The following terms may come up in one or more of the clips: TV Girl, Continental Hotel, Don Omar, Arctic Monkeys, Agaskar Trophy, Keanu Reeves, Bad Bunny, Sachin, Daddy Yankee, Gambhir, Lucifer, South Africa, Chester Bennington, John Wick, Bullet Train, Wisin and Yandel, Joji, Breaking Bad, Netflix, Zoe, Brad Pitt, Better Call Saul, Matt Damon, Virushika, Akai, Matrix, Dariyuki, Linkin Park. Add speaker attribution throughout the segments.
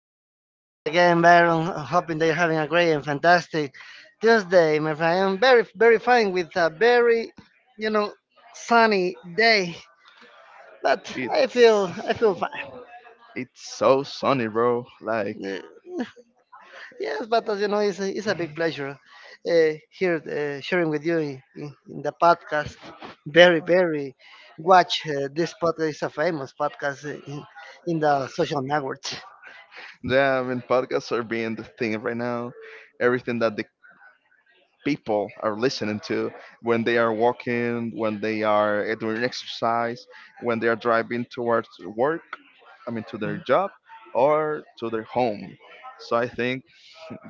Speaker 1: It's a big pleasure again, Baron. Hoping that you're having a great and fantastic Tuesday, my friend. I'm very, very fine with a very, you know, sunny day. But I
Speaker 2: It's
Speaker 1: feel, I feel fine.
Speaker 2: it's so sunny, bro. Like,
Speaker 1: Uh, Yes, but as you know, it's a big pleasure here sharing with you in the podcast. Very, very watch this podcast. Is a famous podcast in the social networks.
Speaker 2: yeah, I mean, podcasts are being the thing right now. Everything that the people are listening to when they are walking, when they are doing exercise, when they are driving towards work, I mean, to their job or to their home. So I think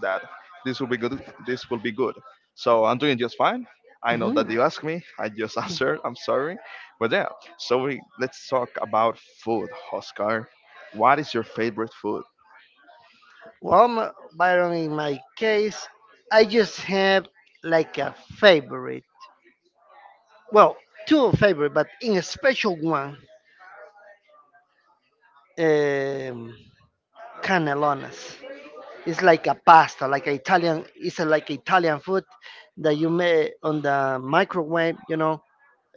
Speaker 2: that this will be good. This will be good. So I'm doing just fine. I know
Speaker 1: Mhm.
Speaker 2: that you asked me. I just answered. I'm sorry, but yeah. Let's talk about food, Oscar. What is your favorite food?
Speaker 1: Well, my, but in my case, I just have like a favorite. Well, two favorite, but in a special one, um, cannellonas. It's like a pasta, like a Italian. It's a, like Italian food that you make on the microwave. You know,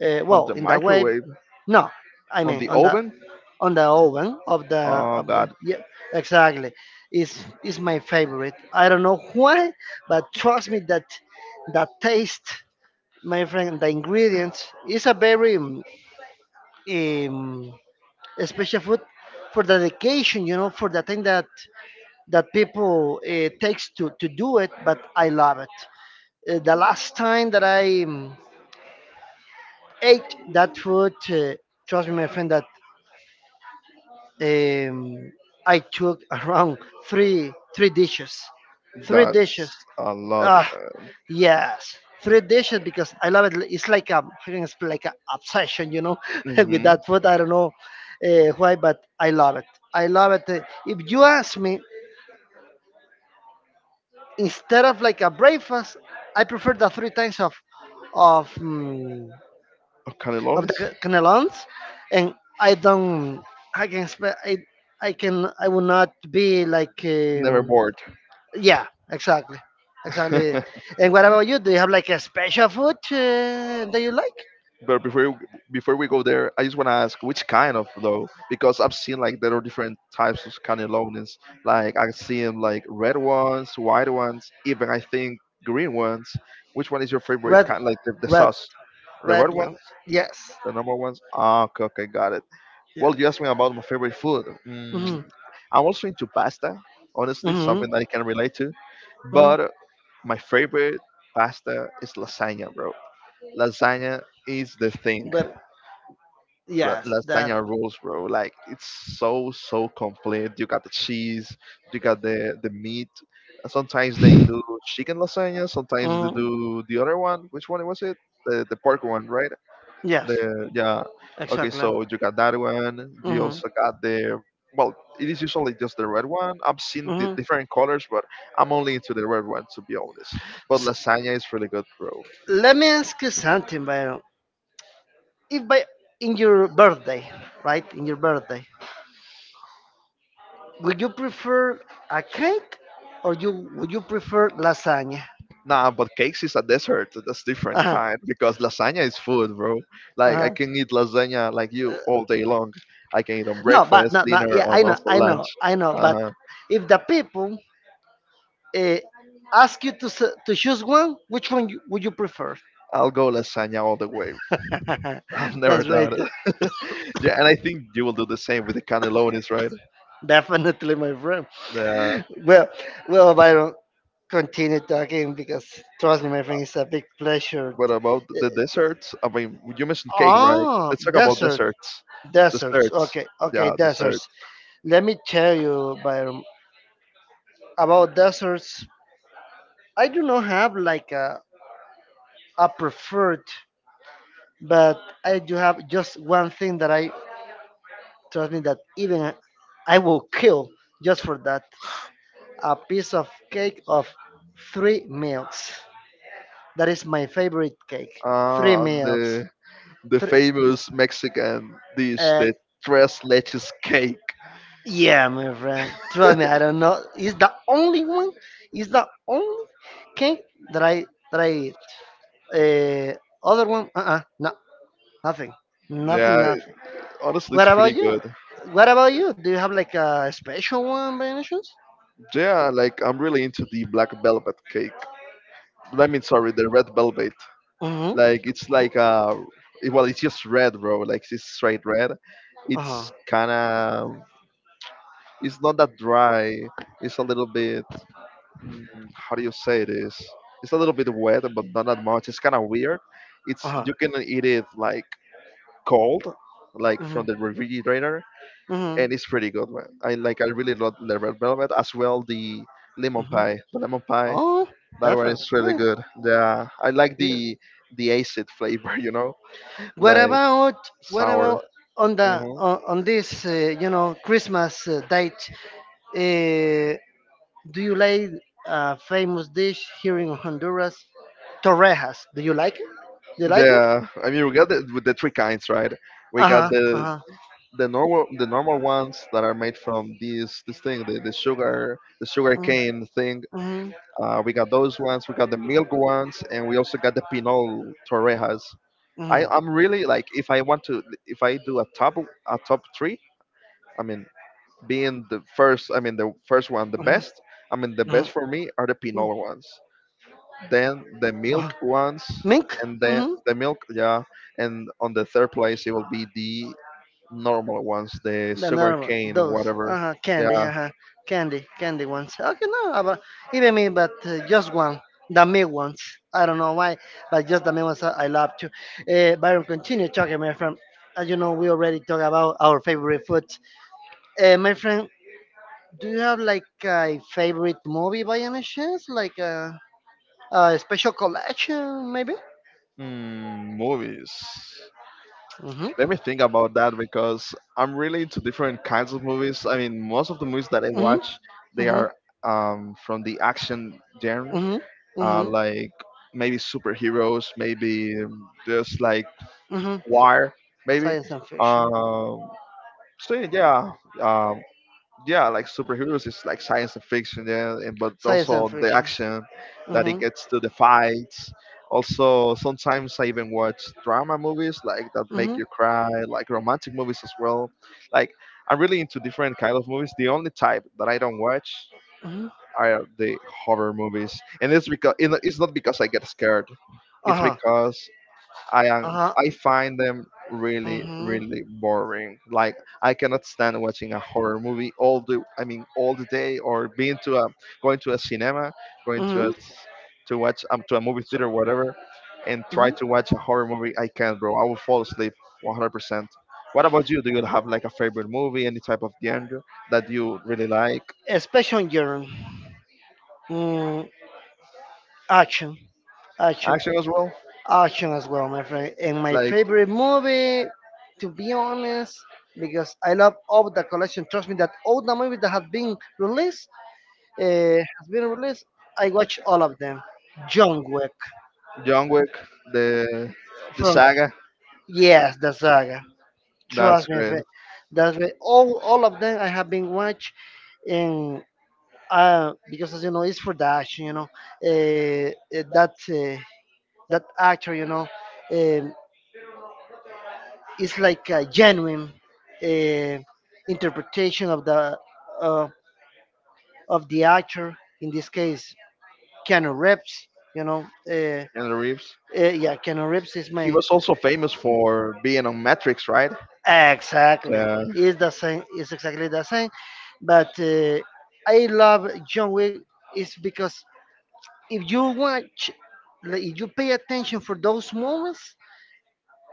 Speaker 2: On the
Speaker 1: in the wave.
Speaker 2: microwave,
Speaker 1: No, I
Speaker 2: on
Speaker 1: mean
Speaker 2: the oven?
Speaker 1: on the oven
Speaker 2: Oh
Speaker 1: of the
Speaker 2: God,
Speaker 1: yeah, exactly is my favorite. I don't know why, but trust me that that taste, my friend. The ingredients is a very um, special food for the dedication, you know, for the thing that that people takes to do it, but I love it. The last time that I ate that food, trust me, my friend, that um, I took around three dishes, three
Speaker 2: that's
Speaker 1: dishes.
Speaker 2: a lot.
Speaker 1: Ah, yes, three dishes because I love it. It's like a I can explain like an obsession, you know, with
Speaker 2: Mm-hmm.
Speaker 1: that food. I don't know why, but I love it. I love it. If you ask me, instead of like a breakfast, I prefer the three times of of. mm, of
Speaker 2: Canelones?
Speaker 1: the canelons, and I don't. I can spe- I can I will not be like
Speaker 2: Never bored.
Speaker 1: yeah, exactly, exactly. And what about you? Do you have like a special food that you like?
Speaker 2: But before you- Before we go there, I just want to ask which kind of low because I've seen like there are different types of kind of lowness. Like I've seen like red ones, white ones, even I think green ones. Which one is your favorite
Speaker 1: Red,
Speaker 2: kind? Like the
Speaker 1: red,
Speaker 2: sauce, the red
Speaker 1: red one.
Speaker 2: ones,
Speaker 1: Yes.
Speaker 2: the normal ones. Ah, okay, okay, got it.
Speaker 1: Yeah.
Speaker 2: Well, you asked me about my favorite food. Mm,
Speaker 1: Mhm.
Speaker 2: I'm also into pasta, honestly,
Speaker 1: Mhm.
Speaker 2: something that I can relate to.
Speaker 1: Mhm.
Speaker 2: But my favorite pasta is lasagna, bro. Lasagna is the thing
Speaker 1: But yes, that.
Speaker 2: lasagna rolls, bro. Like it's so complete. You got the cheese, you got the meat. Sometimes they do chicken lasagna. Sometimes they
Speaker 1: Mhm.
Speaker 2: do the other one. Which one was it? The pork one, right?
Speaker 1: Yes.
Speaker 2: The yeah. Okay,
Speaker 1: Exactly.
Speaker 2: so you got that one. You
Speaker 1: Mhm.
Speaker 2: also got the well. It is usually just the red one. I've seen the different colors, but I'm
Speaker 1: Mhm.
Speaker 2: only into the red one to be honest. But lasagna is really good, bro.
Speaker 1: Let me ask you something, Byron. If by in your birthday, right, in your birthday, would you prefer a cake or you would you prefer lasagna?
Speaker 2: Nah, but cakes is a dessert. That's different
Speaker 1: Uh-huh,
Speaker 2: kind because lasagna is food, bro. Like I
Speaker 1: uh-huh.
Speaker 2: can eat lasagna like you all day long. I can eat on
Speaker 1: No, but
Speaker 2: breakfast,
Speaker 1: no, no.
Speaker 2: dinner,
Speaker 1: Yeah,
Speaker 2: and
Speaker 1: I know,
Speaker 2: also
Speaker 1: I
Speaker 2: lunch.
Speaker 1: know, I know. But
Speaker 2: Uh-huh.
Speaker 1: if the people uh, ask you to to choose one, which one would you prefer?
Speaker 2: I'll go lasagna all the way. I've never
Speaker 1: That's right,
Speaker 2: done it. Yeah, and I think you will do the same with the cannellonis, right?
Speaker 1: definitely, my friend.
Speaker 2: Yeah.
Speaker 1: Well, well, Byron, continue talking because trust me, my friend, it's a big pleasure.
Speaker 2: But about
Speaker 1: Eh,
Speaker 2: the desserts, I mean, you mentioned cake, right?
Speaker 1: Ah,
Speaker 2: Let's talk about
Speaker 1: deserts,
Speaker 2: desserts.
Speaker 1: deserts.
Speaker 2: Desserts,
Speaker 1: Okay, okay,
Speaker 2: yeah, dessert.
Speaker 1: deserts. Let me tell you, Byron, about deserts. I do not have like a preferred, but I do have just one thing that I trust me that even I will kill just for that. A piece of cake of three milks. That is my favorite cake. Three
Speaker 2: Uh,
Speaker 1: milks.
Speaker 2: the the
Speaker 1: Three,
Speaker 2: famous Mexican dish,
Speaker 1: uh,
Speaker 2: the tres leches cake.
Speaker 1: yeah, my friend. Trust me, I don't know. It's the only one. It's the only cake that I that I eat. Uh, other one? No, nothing, nothing,
Speaker 2: Yeah,
Speaker 1: nothing.
Speaker 2: honestly,
Speaker 1: What
Speaker 2: it's
Speaker 1: about
Speaker 2: pretty
Speaker 1: you?
Speaker 2: good.
Speaker 1: What about you? Do you have like a special one by any chance?
Speaker 2: Yeah, like I'm really into the black velvet cake. I mean, sorry, the red velvet.
Speaker 1: Mm-hmm.
Speaker 2: Like it's like well, it's just red, bro. Like it's straight red.
Speaker 1: Uh
Speaker 2: It's
Speaker 1: huh.
Speaker 2: kind of, it's not that dry. It's a little bit, mm, how do you say this? It's a little bit wet, but not that much. It's kind of weird.
Speaker 1: Uh
Speaker 2: It's
Speaker 1: huh.
Speaker 2: you can eat it like cold, like
Speaker 1: Mm-hmm.
Speaker 2: from the refrigerator,
Speaker 1: Mm-hmm.
Speaker 2: and it's pretty good, man. I really love the red velvet as well the lemon
Speaker 1: Mm-hmm.
Speaker 2: pie. The lemon pie
Speaker 1: Oh,
Speaker 2: that one
Speaker 1: definitely.
Speaker 2: is really
Speaker 1: Right.
Speaker 2: good. Yeah, I like
Speaker 1: Yeah.
Speaker 2: the acid flavor, you know,
Speaker 1: What
Speaker 2: like
Speaker 1: about what
Speaker 2: sour.
Speaker 1: about on the
Speaker 2: Hmm
Speaker 1: on this Christmas date? Uh, do you like a famous dish here in Honduras? Torrejas. Do you like it? Do you like them?
Speaker 2: Yeah, I mean we got the with the three kinds, right? We
Speaker 1: Uh
Speaker 2: got
Speaker 1: huh. Uh
Speaker 2: the
Speaker 1: huh.
Speaker 2: the normal the normal ones that are made from these this thing the sugar cane thing.
Speaker 1: Mm-hmm. Mm-hmm.
Speaker 2: We got those ones. We got the milk ones, and we also got the Pinot Torrejas. I,
Speaker 1: Mm-hmm. Mm,
Speaker 2: I'm
Speaker 1: mhm,
Speaker 2: really like if I want to, if I do a top three, I mean being the first, I mean the first one, the
Speaker 1: mhm,
Speaker 2: best. I mean the
Speaker 1: mhm,
Speaker 2: best
Speaker 1: mhm,
Speaker 2: for me are the
Speaker 1: mhm.
Speaker 2: Pinot ones, then the
Speaker 1: Uh,
Speaker 2: milk ones,
Speaker 1: Mink.
Speaker 2: and then
Speaker 1: Mm-hmm.
Speaker 2: the milk, yeah. And on the third place, it will be the normal ones, the
Speaker 1: The normal,
Speaker 2: sugarcane cane,
Speaker 1: those,
Speaker 2: whatever. Yeah.
Speaker 1: uh-huh, candy, candy ones. Okay, no, but even me, but just one, the me ones. I don't know why, but just the me ones I love too. Byron, continue talking, my friend. As you know, we already talked about our favorite foods. My friend, do you have like a favorite movie by any chance? Like a special collection, maybe?
Speaker 2: Hmm, movies.
Speaker 1: Mm-hmm,
Speaker 2: Let me think about that because I'm really into different kinds of movies. I mean, most of the movies that I
Speaker 1: mm-hmm,
Speaker 2: watch, they
Speaker 1: mm-hmm,
Speaker 2: are from the action genre,
Speaker 1: mm-hmm, mm-hmm.
Speaker 2: like maybe superheroes, maybe just like
Speaker 1: Mm-hmm.
Speaker 2: Wire, maybe.
Speaker 1: Science and fiction.
Speaker 2: Um, so yeah, um, yeah, like superheroes is like science and fiction, yeah, and but
Speaker 1: Science and
Speaker 2: also the
Speaker 1: fiction.
Speaker 2: action that it
Speaker 1: Mm-hmm.
Speaker 2: gets to the fights. Also, sometimes I even watch drama movies like that make
Speaker 1: Hmm.
Speaker 2: you cry, like romantic movies as well. Like I'm really into different kind of movies. The only type that I don't watch
Speaker 1: Hmm.
Speaker 2: are the horror movies, and it's because it's not because I get scared. It's
Speaker 1: Uh-huh.
Speaker 2: because
Speaker 1: Uh-huh.
Speaker 2: I find them really
Speaker 1: Hmm.
Speaker 2: really boring. Like I cannot stand watching a horror movie all the I mean all the day or being to a going to a cinema, going to a
Speaker 1: Hmm.
Speaker 2: s- to watch to a movie theater whatever and try
Speaker 1: Hmm.
Speaker 2: to watch a horror movie. I can't, bro. I will fall asleep 100%. What about you? Do you have like a favorite movie, any type of genre that you really like?
Speaker 1: Especially on your mm, action. Action.
Speaker 2: Action as well?
Speaker 1: Action as well, my friend. And my
Speaker 2: Like
Speaker 1: favorite movie, to be honest, because I love all the collection. Trust me, that all the movies that have been released, has been released. I watch all of them. John Wick.
Speaker 2: John Wick, the the
Speaker 1: From
Speaker 2: saga.
Speaker 1: yes, the saga.
Speaker 2: That's
Speaker 1: Trust me,
Speaker 2: great.
Speaker 1: that's why all of them I have been watch, and because as you know, it's for the action. You know, uh, uh, that uh, that actor. You know, um, it's like a genuine uh, interpretation uh, of the actor, in this case Keanu Reeves, you know.
Speaker 2: Keanu Reeves.
Speaker 1: Yeah, Keanu Reeves is
Speaker 2: He
Speaker 1: my.
Speaker 2: was also famous for being on Matrix, right?
Speaker 1: Exactly.
Speaker 2: Uh,
Speaker 1: It's the same. It's exactly the same, but I love John Wick is because if you watch like, if you pay attention for those moments,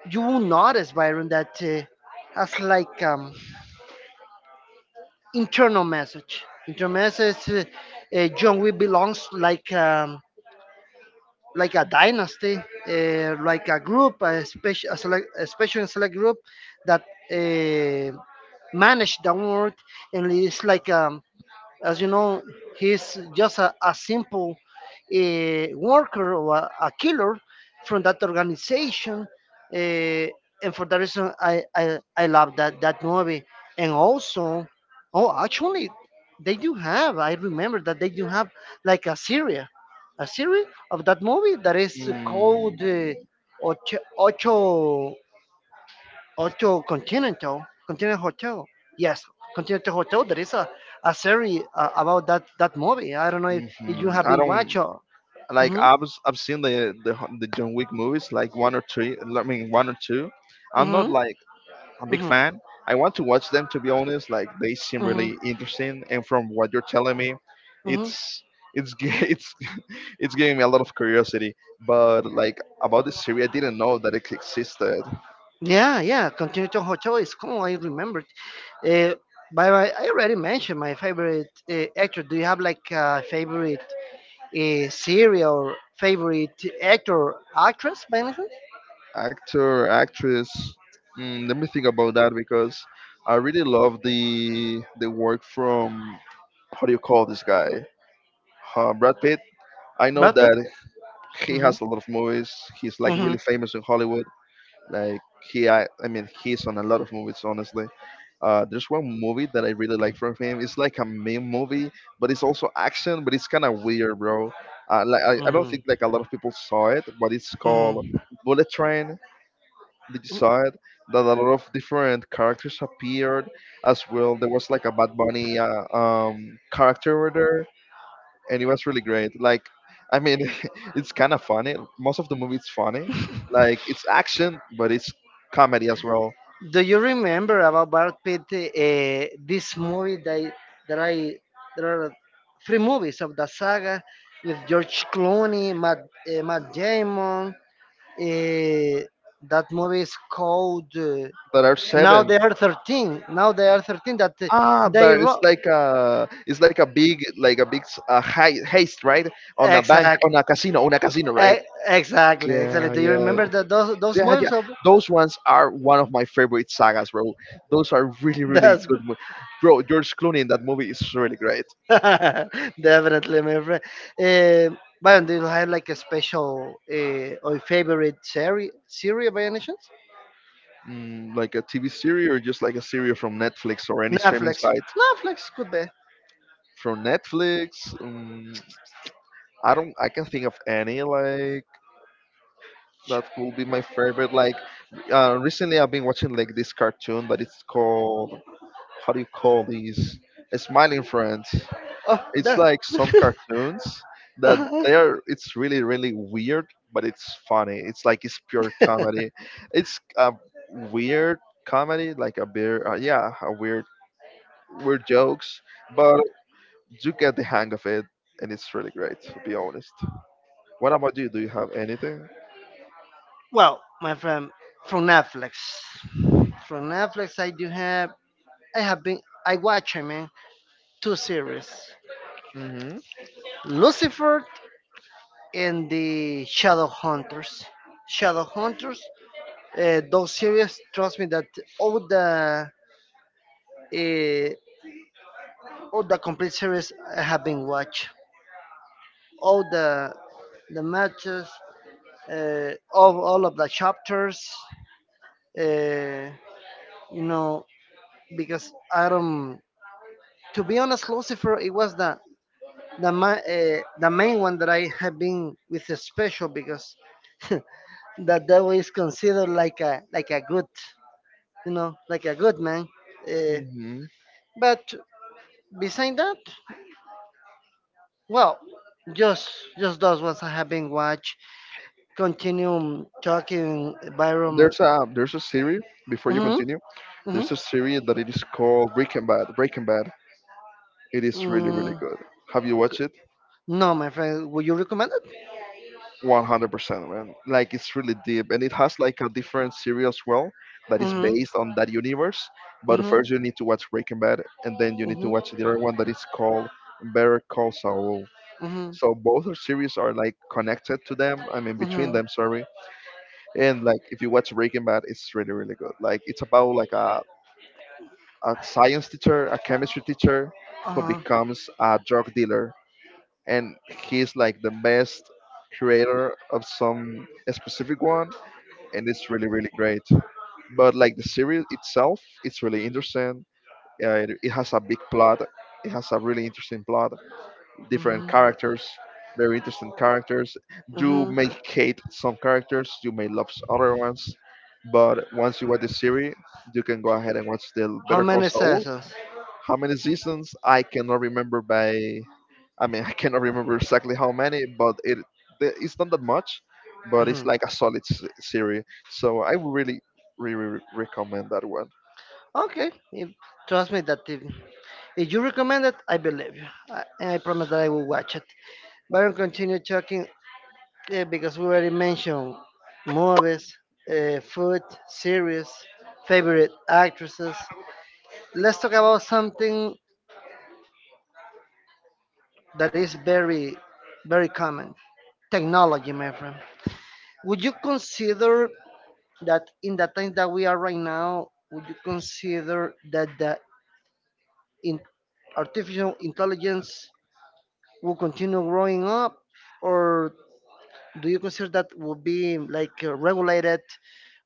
Speaker 1: you will notice, Byron, that as like internal message. Internal message, John we belongs like a dynasty, like a group, a special, a select, a special and select group that uh, manage the world, and it's like as you know, he's just a simple worker or a killer from that organization. Uh, and for that reason, I love that movie. And also, oh, actually, they do have, I remember that they do have like a series of that movie that is called
Speaker 2: mm,
Speaker 1: Ocho, Ocho Hotel Continental, Continental Hotel. Yes, Continental Hotel. There is a series about that movie. I don't know if you
Speaker 2: mhm.
Speaker 1: have
Speaker 2: I
Speaker 1: been
Speaker 2: don't
Speaker 1: watching.
Speaker 2: like.
Speaker 1: Hmm.
Speaker 2: I've seen the John Wick movies, like one or three. I mean, one or two. I'm not
Speaker 1: Hmm.
Speaker 2: like a big
Speaker 1: Hmm.
Speaker 2: fan. I want to watch them to be honest. Like they seem
Speaker 1: Hmm.
Speaker 2: really interesting, and from what you're telling me,
Speaker 1: Hmm.
Speaker 2: it's it's gi- it's it's giving me a lot of curiosity. But like about this series, I didn't know that it existed.
Speaker 1: Yeah, yeah. Continental Hotel is cool. I remembered. Uh, but I already mentioned my favorite actor. Do you have like a favorite series or favorite actor, actress by any chance?
Speaker 2: Actor, actress. Mm, let me think about that because I really love the work from how do you call this guy? Brad Pitt. I know
Speaker 1: Brad Pitt.
Speaker 2: that he
Speaker 1: Hmm.
Speaker 2: has a lot of movies. He's like
Speaker 1: Hmm.
Speaker 2: really famous in Hollywood. Like I mean, he's on a lot of movies. Honestly, there's one movie that I really like from him. It's like a meme movie, but it's also action, but it's kind of weird, bro. Like I don't
Speaker 1: Mhm.
Speaker 2: think like a lot of people saw it, but it's called
Speaker 1: Mhm.
Speaker 2: Bullet Train. Did you saw it? That a lot of different characters appeared as well. There was like a Bad Bunny character over there and it was really great. Like, I mean, it's kind of funny. Most of the movie is funny. Like, it's action, but it's comedy as well.
Speaker 1: Do you remember about Brad Pitt? This movie that that I there are three movies of the saga with George Clooney, Matt, Matt Damon. Uh, that movie is called
Speaker 2: There are
Speaker 1: Now
Speaker 2: seven.
Speaker 1: They Are Thirteen. Now They Are Thirteen. That
Speaker 2: Ah,
Speaker 1: they
Speaker 2: there is
Speaker 1: wrote
Speaker 2: like a it's like a big heist, right?
Speaker 1: exactly.
Speaker 2: On a casino, on a casino, right?
Speaker 1: Eh, exactly, exactly.
Speaker 2: Yeah,
Speaker 1: Do you
Speaker 2: yeah,
Speaker 1: remember that those
Speaker 2: yeah.
Speaker 1: movies of?
Speaker 2: Those ones are one of my favorite sagas, bro. Those are really, really
Speaker 1: That's
Speaker 2: good,
Speaker 1: good.
Speaker 2: bro. George Clooney in that movie is really great.
Speaker 1: Definitely, my friend. Uh, Byron, do you have like a special or favorite series by any chance?
Speaker 2: Mm, like a TV series or just like a series from Netflix or any streaming
Speaker 1: Netflix.
Speaker 2: site?
Speaker 1: Netflix could be.
Speaker 2: From Netflix, I don't, I can think of any like that could be my favorite. Like recently, I've been watching like this cartoon, but it's called how do you call these? Smiling Friends.
Speaker 1: Oh,
Speaker 2: It's
Speaker 1: that.
Speaker 2: like some cartoons that
Speaker 1: Uh-huh.
Speaker 2: they are. It's really weird, but it's funny. It's like it's pure comedy. It's a weird comedy, like a beer. Yeah, a weird weird jokes, but you get the hang of it, and it's really great, to be honest. What about you? Do you have anything?
Speaker 1: Well, my friend, from Netflix. From Netflix, I do have. I have been. I watch, I mean, two series:
Speaker 2: Hmm
Speaker 1: Lucifer and the Shadow Hunters. Shadow Hunters. Those series, trust me, that all the uh, all the complete series I have been watched. All the matches, all of the chapters. Uh, you know, because I don't. To be honest, Lucifer, it was the main one that I have been with a special because the devil is considered like a good, you know, like a good man. Uh,
Speaker 2: hmm
Speaker 1: but beside that. Well, just just those ones I have been watch. Continue talking, Byron.
Speaker 2: There's a series. Before you
Speaker 1: Mm-hmm.
Speaker 2: continue,
Speaker 1: Mm-hmm.
Speaker 2: there's a series that it is called Breaking Bad. Breaking Bad. It is really really
Speaker 1: Mm,
Speaker 2: good. Have you watched it?
Speaker 1: no, my friend. Would you recommend it?
Speaker 2: 100%, man, like it's really deep and it has like a different series as well that is
Speaker 1: Mm-hmm.
Speaker 2: based on that universe, but
Speaker 1: Mm-hmm.
Speaker 2: first you need to watch breaking bad and then you need to
Speaker 1: Mm-hmm.
Speaker 2: watch the other one that is called better call saul,
Speaker 1: Mm-hmm.
Speaker 2: so both the series are like connected to them, I mean between
Speaker 1: Mm-hmm.
Speaker 2: them, sorry. And like if you watch breaking bad it's really really good, like it's about like a science teacher, a chemistry teacher who
Speaker 1: Uh-huh.
Speaker 2: becomes a drug dealer and he's like the best creator of some specific one and it's really really great. But like the series itself, it's really interesting. It has a big plot. It has a really interesting plot. Different
Speaker 1: Mhm.
Speaker 2: characters, very interesting characters. You
Speaker 1: Mhm.
Speaker 2: may hate some characters, you may love other ones, but once you watch the series, you can go ahead and watch the
Speaker 1: How
Speaker 2: Better Call
Speaker 1: many
Speaker 2: Saul,
Speaker 1: seasons?
Speaker 2: how many seasons? I cannot remember by. I mean, I cannot remember exactly how many, but it's not that much, but it's
Speaker 1: Mhm.
Speaker 2: like a solid series. So I would really, really recommend that one.
Speaker 1: Okay. If, trust me that if you recommend it, I believe you. And I promise that I will watch it. Byron, continue talking because we already mentioned movies, food, series, favorite actresses. Let's talk about something that is very, very common: technology, my friend. Would you consider that in the time that we are right now, would you consider that the in artificial intelligence will continue growing up? Or do you consider that would be like regulated,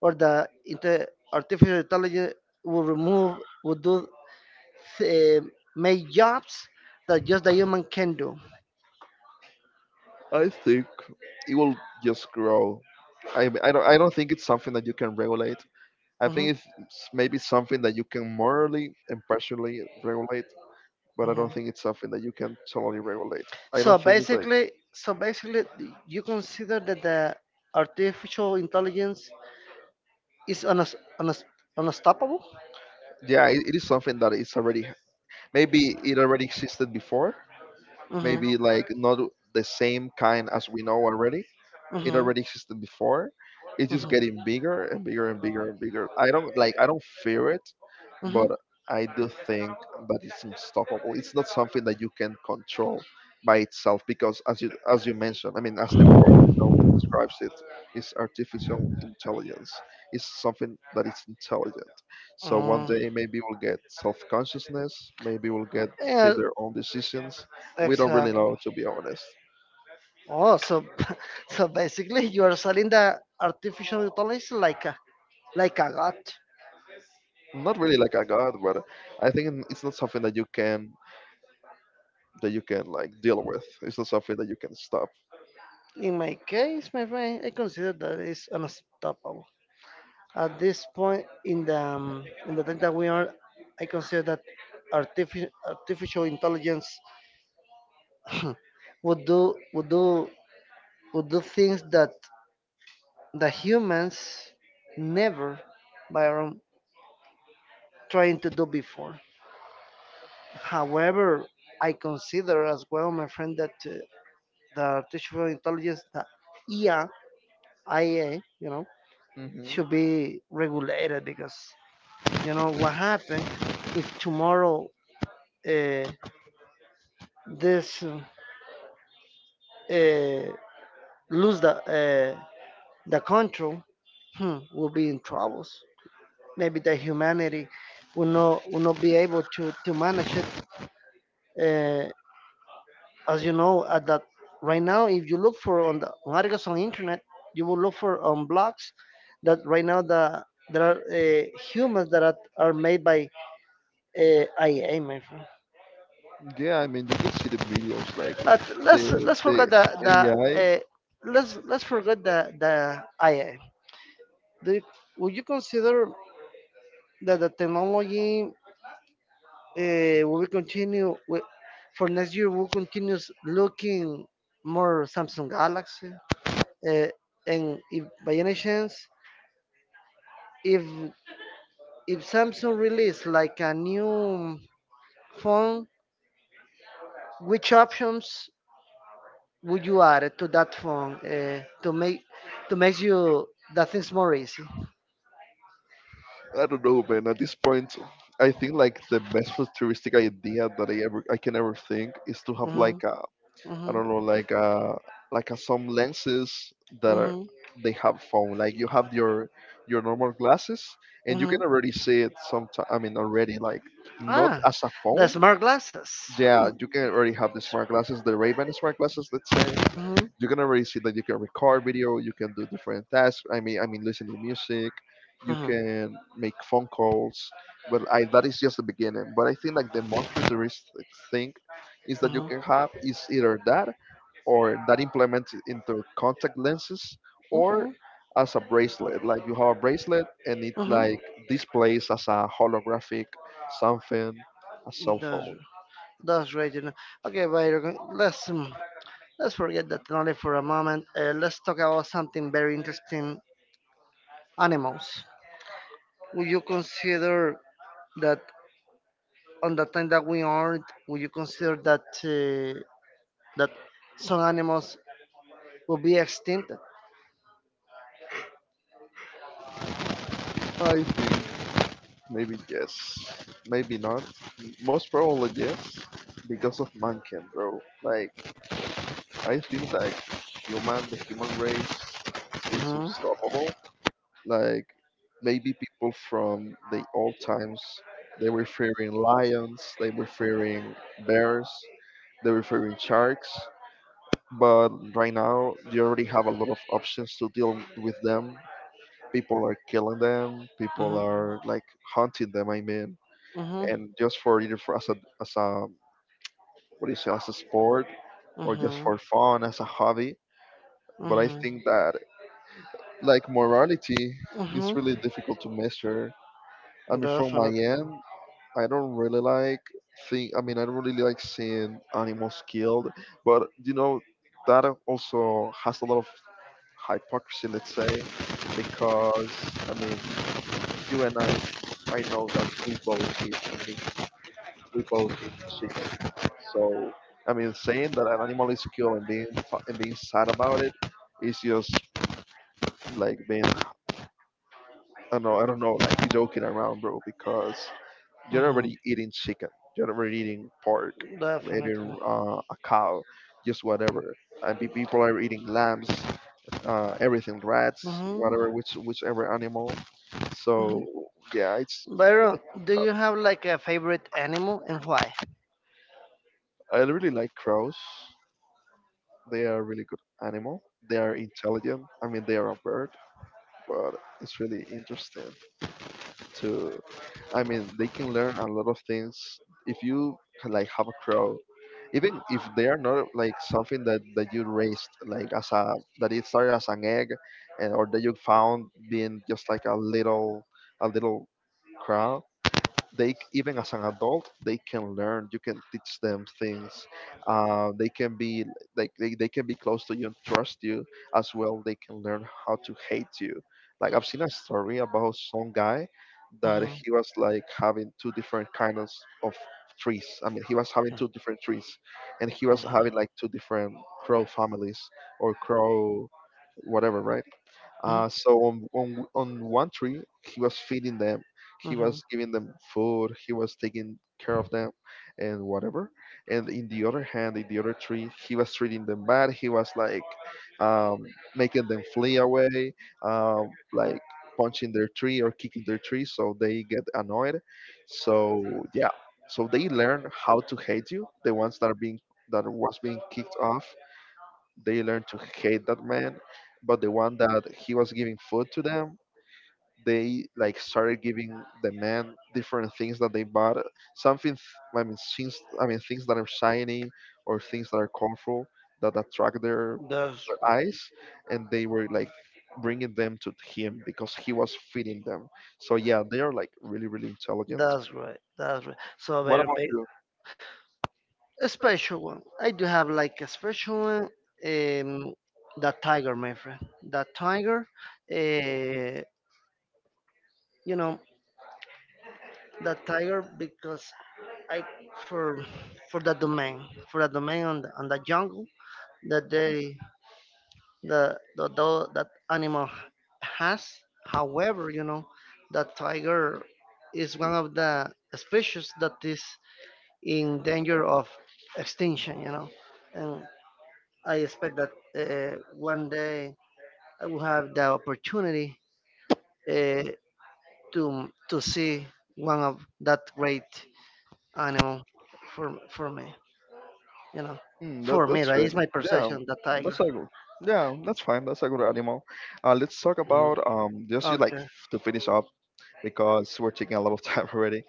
Speaker 1: or the artificial intelligence will remove would do uh, make jobs that just the human can do?
Speaker 2: I think it will just grow. I mean, I don't think it's something that you can regulate. I think
Speaker 1: Mhm,
Speaker 2: it's s- Maybe something that you can morally and partially regulate, but I don't
Speaker 1: mhm.
Speaker 2: think it's something that you can totally regulate. I
Speaker 1: so
Speaker 2: don't think it's like
Speaker 1: basically so basically you consider that the artificial intelligence is unas unas unstoppable.
Speaker 2: yeah, it is something that is already maybe it already existed before.
Speaker 1: Mhm.
Speaker 2: Maybe like not the same kind as we know already. It
Speaker 1: Mhm.
Speaker 2: already existed before. It's just
Speaker 1: Mhm.
Speaker 2: getting bigger I don't fear it,
Speaker 1: Mhm.
Speaker 2: but I do think that it's unstoppable. It's not something that you can control by itself because as you mentioned, I mean as the word itself describes it, is artificial intelligence. It's something that is intelligent. So one
Speaker 1: Mm.
Speaker 2: day maybe we'll get self consciousness, maybe we'll get
Speaker 1: Yeah.
Speaker 2: hit their own decisions. We don't really
Speaker 1: Exactly.
Speaker 2: know, to be honest.
Speaker 1: Oh, so so basically you are selling the artificial intelligence like a god.
Speaker 2: Not really like a god, but I think it's not something that you can like deal with. It's not something that you can stop.
Speaker 1: In my case, my friend, I consider that is unstoppable. At this point in the time that we are, I consider that artificial intelligence would do would do would do things that the humans never were trying to do before. However, I consider as well, my friend, that the artificial intelligence, the IA, IA, you know,
Speaker 2: Hmm.
Speaker 1: should be regulated because you know what happened if tomorrow uh, this uh, lose the control. Will be in troubles. Maybe the humanity will not be able to manage it. Uh, as you know, at that right now, if you look for on articles on internet, you will look for on blogs that right now there are humans that are made by IA, my friend.
Speaker 2: Yeah, I mean you can see the videos like
Speaker 1: But let's
Speaker 2: the
Speaker 1: let's
Speaker 2: the
Speaker 1: forget the
Speaker 2: AI. I
Speaker 1: let's forget the IA. Do you, would you consider that the technology? We will continue for next year we'll continue looking more Samsung Galaxy, uh, and if by any chance if if Samsung release like a new phone, which options would you add to that phone, to make you that things more easy?
Speaker 2: I don't know, man. At this point, I think like the best futuristic idea that I can ever think is to have
Speaker 1: Mm-hmm.
Speaker 2: like a, I
Speaker 1: Mm-hmm.
Speaker 2: don't know, like some lenses that are,
Speaker 1: Mm-hmm.
Speaker 2: they have foam. Like you have your normal glasses, and you
Speaker 1: Mm-hmm.
Speaker 2: can already see it. Sometimes I mean already like not
Speaker 1: Ah,
Speaker 2: as a
Speaker 1: the
Speaker 2: foam.
Speaker 1: smart glasses. Mm-hmm.
Speaker 2: Yeah, you can already have the smart glasses, the Ray-Ban smart glasses, let's say.
Speaker 1: Mm-hmm.
Speaker 2: You can already see that you can record video, you can do different tasks. I mean, listen to music, you can make phone calls. But I, that is just the beginning. But I think like the most futuristic thing is that you
Speaker 1: Mm-hmm.
Speaker 2: can have is either that or that implemented into contact lenses or as a bracelet. Like you have a bracelet and it like displays as a holographic something, a cell
Speaker 1: Mm-hmm.
Speaker 2: phone.
Speaker 1: That's right, Okay, Byron, let's let's forget that only for a moment. Let's talk about something very interesting: animals. Would you consider that on the time that we aren't, would you consider that that some animals will be extinct?
Speaker 2: I think maybe yes, maybe not. Most probably yes, because of mankind, bro. Like I think like the human race is
Speaker 1: Mhm.
Speaker 2: unstoppable. Like maybe people from the old times, they were fearing lions, they were fearing bears, they were fearing sharks. But right now, you already have a lot of options to deal with them. People are killing them. People
Speaker 1: Mhm.
Speaker 2: are like hunting them. I mean,
Speaker 1: Mhm.
Speaker 2: and just for either for as a what do you say, as a sport or just
Speaker 1: Mhm.
Speaker 2: for fun, as a hobby. But I
Speaker 1: Mhm.
Speaker 2: think that like morality is
Speaker 1: Mhm.
Speaker 2: really difficult to measure. I mean, from my
Speaker 1: Definitely.
Speaker 2: end, I don't really like think. I mean, I don't really like seeing animals killed. But you know, that also has a lot of hypocrisy, let's say, because I mean, you and I know that we both eat meat, we both eat chicken. So I mean, saying that an animal is killed and being and being sad about it is just like being, I don't know, like joking around, bro. Because you're
Speaker 1: Mhm.
Speaker 2: already eating chicken, you're already eating pork, eating
Speaker 1: Definitely.
Speaker 2: a cow, just whatever. And people are eating lambs, everything, rats,
Speaker 1: Mhm.
Speaker 2: whatever, whichever animal.
Speaker 1: Mhm.
Speaker 2: So yeah, it's a
Speaker 1: Byron,
Speaker 2: difficult
Speaker 1: do you
Speaker 2: topic.
Speaker 1: have like a favorite animal and why?
Speaker 2: I really like crows. They are really good animal. They are intelligent. I mean, they are a bird, but it's really interesting to. I mean, they can learn a lot of things if you like have a crow. Even if they are not like something that, you raised, like as a that it started as an egg, and or that you found being just like a little crow, they even as an adult they can learn, you can teach them things. They can be like they can be close to you and trust you, as well they can learn how to hate you. Like I've seen a story about some guy that
Speaker 1: Mhm.
Speaker 2: he was like having two different kinds of trees. I mean he was having two different trees, and he was
Speaker 1: Uh-huh.
Speaker 2: having like two different crow families or crow, whatever, right.
Speaker 1: Uh-huh.
Speaker 2: So on, on one tree, he was feeding them, he
Speaker 1: Uh-huh.
Speaker 2: was giving them food, he was taking care of them, and whatever. And in the other hand, in the other tree, he was treating them bad. He was like um, making them flee away, like punching their tree or kicking their tree, so they get annoyed. So yeah, so they learn how to hate you. The ones that are being that was being kicked off, they learned to hate that man. But the one that he was giving food to them, they like started giving the man different things that they bought, I mean things, I mean things that are shiny or things that are colorful, that attract
Speaker 1: That's
Speaker 2: their eyes, and they were like bringing them to him because he was feeding them. So yeah, they are like really, really
Speaker 1: right.
Speaker 2: intelligent.
Speaker 1: That's right. That's right. So
Speaker 2: What
Speaker 1: very
Speaker 2: about
Speaker 1: big,
Speaker 2: you?
Speaker 1: a special one. I do have like a special one. Um, that tiger, my friend. That tiger. Uh, you know that tiger because I for for that domain, for that domain on on the jungle that the that animal has. However, you know, the tiger is one of the species that is in danger of extinction. You know, and I expect that one day I will have the opportunity uh, to see one of that great animal for me. You know,
Speaker 2: Hmm,
Speaker 1: for me,
Speaker 2: that's
Speaker 1: right?
Speaker 2: great.
Speaker 1: It's my
Speaker 2: Yeah,
Speaker 1: perception, the
Speaker 2: that's
Speaker 1: tiger.
Speaker 2: a good. Yeah, that's fine. That's a good animal. Let's talk
Speaker 1: Mm.
Speaker 2: about just you like
Speaker 1: Okay,
Speaker 2: to finish up because we're taking a lot of time already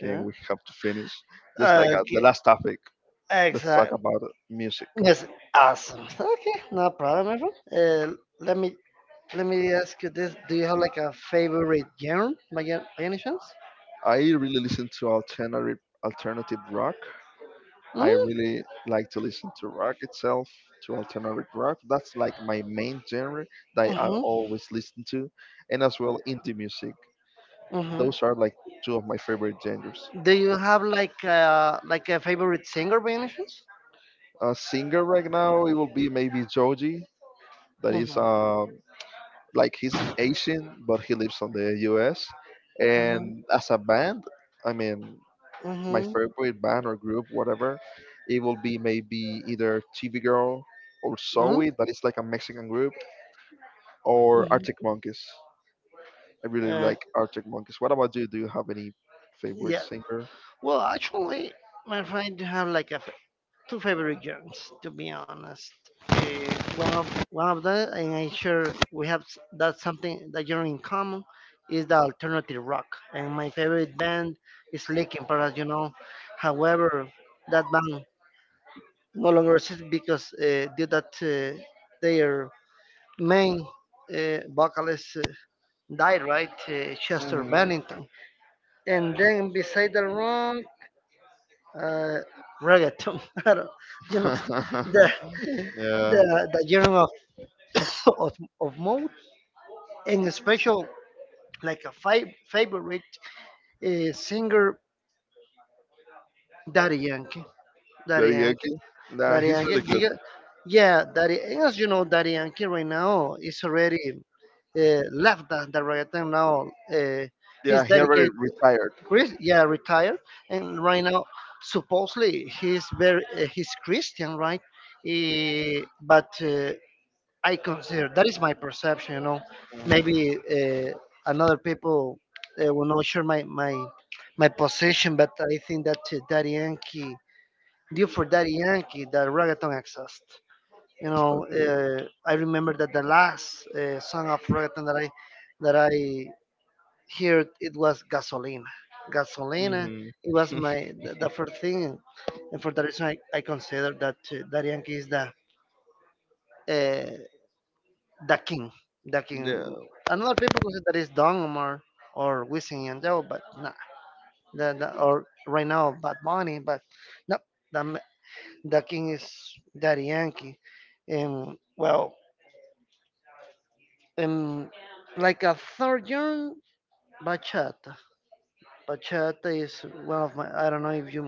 Speaker 2: and we have to finish. Just like the
Speaker 1: Okay,
Speaker 2: last topic, let's talk
Speaker 1: exactly.
Speaker 2: about music.
Speaker 1: Yes, awesome. Okay, no problem, my friend. Let me let me ask you this: Do you have like a favorite genre, by any chance?
Speaker 2: I really listen to alternative rock. I
Speaker 1: Mm-hmm.
Speaker 2: really like to listen to rock itself, to alternative rock. That's like my main genre that I
Speaker 1: Mm-hmm.
Speaker 2: always listen to, and as well indie music.
Speaker 1: Mm-hmm.
Speaker 2: Those are like two of my favorite genres.
Speaker 1: Do you have like a favorite singer, by any chance?
Speaker 2: A singer right now, it will be maybe Joji. That is
Speaker 1: Mm-hmm.
Speaker 2: like he's Asian, but he lives on the U.S.
Speaker 1: Mm-hmm.
Speaker 2: And as a band, I mean, my
Speaker 1: Mm-hmm.
Speaker 2: favorite band or group, whatever, it will be maybe either TV Girl or Zoe. That is like a Mexican group, or
Speaker 1: Mm-hmm.
Speaker 2: Arctic Monkeys. I really
Speaker 1: Uh,
Speaker 2: like Arctic Monkeys. What about you? Do you have any favorite
Speaker 1: yeah.
Speaker 2: singer?
Speaker 1: Well, actually, my friend, do have like a two favorite genres, to be honest. One of them, and I'm sure we have that something that genre in common is the alternative rock. And my favorite band is Linkin Park, you know. However, that band no longer exists because due that their main vocalist died, right? Chester
Speaker 2: Mhm.
Speaker 1: Bennington. And then beside the rock, uh, reggaeton. I don't- you know, the
Speaker 2: Yeah.
Speaker 1: the the genre of of, of mode and a special like a favorite, singer, Daddy Yankee, Daddy Yankee,
Speaker 2: Dariyuki. Nah,
Speaker 1: Daddy
Speaker 2: he's really
Speaker 1: Yankee.
Speaker 2: good.
Speaker 1: Because, yeah, Daddy. And as you know, Daddy Yankee right now is already left the reggaeton now. Uh,
Speaker 2: Yeah,
Speaker 1: he's
Speaker 2: he already
Speaker 1: dedicated
Speaker 2: retired.
Speaker 1: Chris, yeah, retired, and right now supposedly he's very he's Christian, right? Eh, but I consider that is my perception. You know, maybe another people will not share my position, but I think that Daddy Yankee, due for Daddy Yankee, that reggaeton exists. You know,
Speaker 2: Okay.
Speaker 1: I remember that the last song of reggaeton that I here it was gasoline. Gasolina,
Speaker 2: Mm-hmm.
Speaker 1: it was my the first thing, and for that reason I consider that Darianki is uh, the king, the
Speaker 2: Yeah.
Speaker 1: king. Another people consider that is Don Omar or Wisin and Yandel, but nah, or right now Bad Bunny, but no, the ma- the king is Daddy Yankee, and well, and like a third young bachata. Bachata is one of my. I don't know if you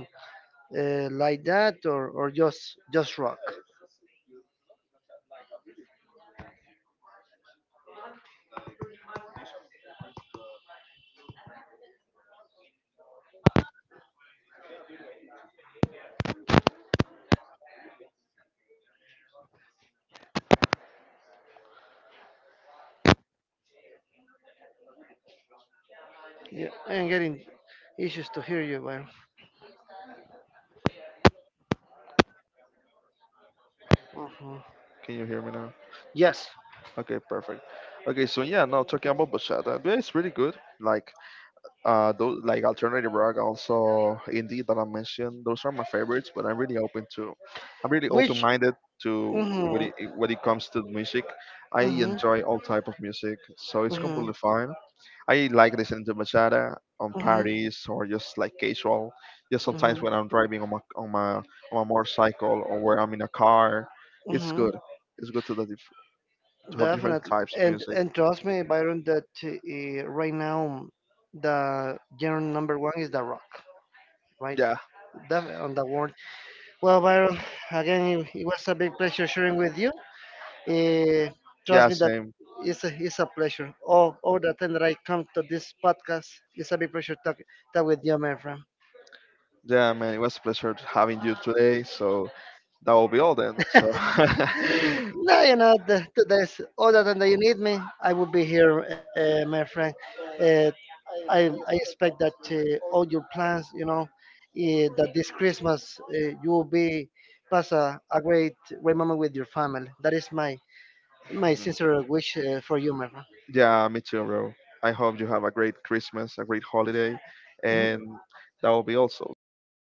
Speaker 1: like that or just rock. Yeah, I am getting issues to hear you, but mhm.
Speaker 2: Can you hear me now?
Speaker 1: Yes,
Speaker 2: Okay, perfect. Okay, so yeah, now talking about bachata, yeah, it's really good. Like, those like alternative rock, also indie that I mentioned. Those are my favorites, but I'm really open to. I'm really
Speaker 1: which
Speaker 2: open-minded to when
Speaker 1: mm
Speaker 2: it comes to music. I
Speaker 1: mhm, mm
Speaker 2: enjoy all type of music, so it's
Speaker 1: mhm, mm
Speaker 2: completely fine. I like listening to bachata on
Speaker 1: mhm, mm mhm,
Speaker 2: parties or just like casual. Just
Speaker 1: mhm,
Speaker 2: sometimes when I'm driving on my motorcycle or where I'm in a car, it's
Speaker 1: mhm,
Speaker 2: good. It's good to the diff- to have different
Speaker 1: definitely,
Speaker 2: types of music.
Speaker 1: and trust me, Byron, that right now the genre number one is the rock, right?
Speaker 2: Yeah,
Speaker 1: Def- on the world. Well, Byron, again, it was a big pleasure sharing with you. Eh, trust
Speaker 2: yeah,
Speaker 1: me that
Speaker 2: same.
Speaker 1: it's a pleasure. All the time that I come to this podcast, it's a big pleasure talk with you, my friend.
Speaker 2: Yeah, man, it was a pleasure having you today. So that will be all then. So
Speaker 1: No, you know, the, today's all the time that you need me, I will be here, my friend. Uh, I expect that all your plans, you know, eh, that this Christmas you will be pass a great, great moment with your family. That is my sincere wish for you, my friend.
Speaker 2: yeah, me too, bro. I hope you have a great Christmas, a great holiday, and that will be also. See you next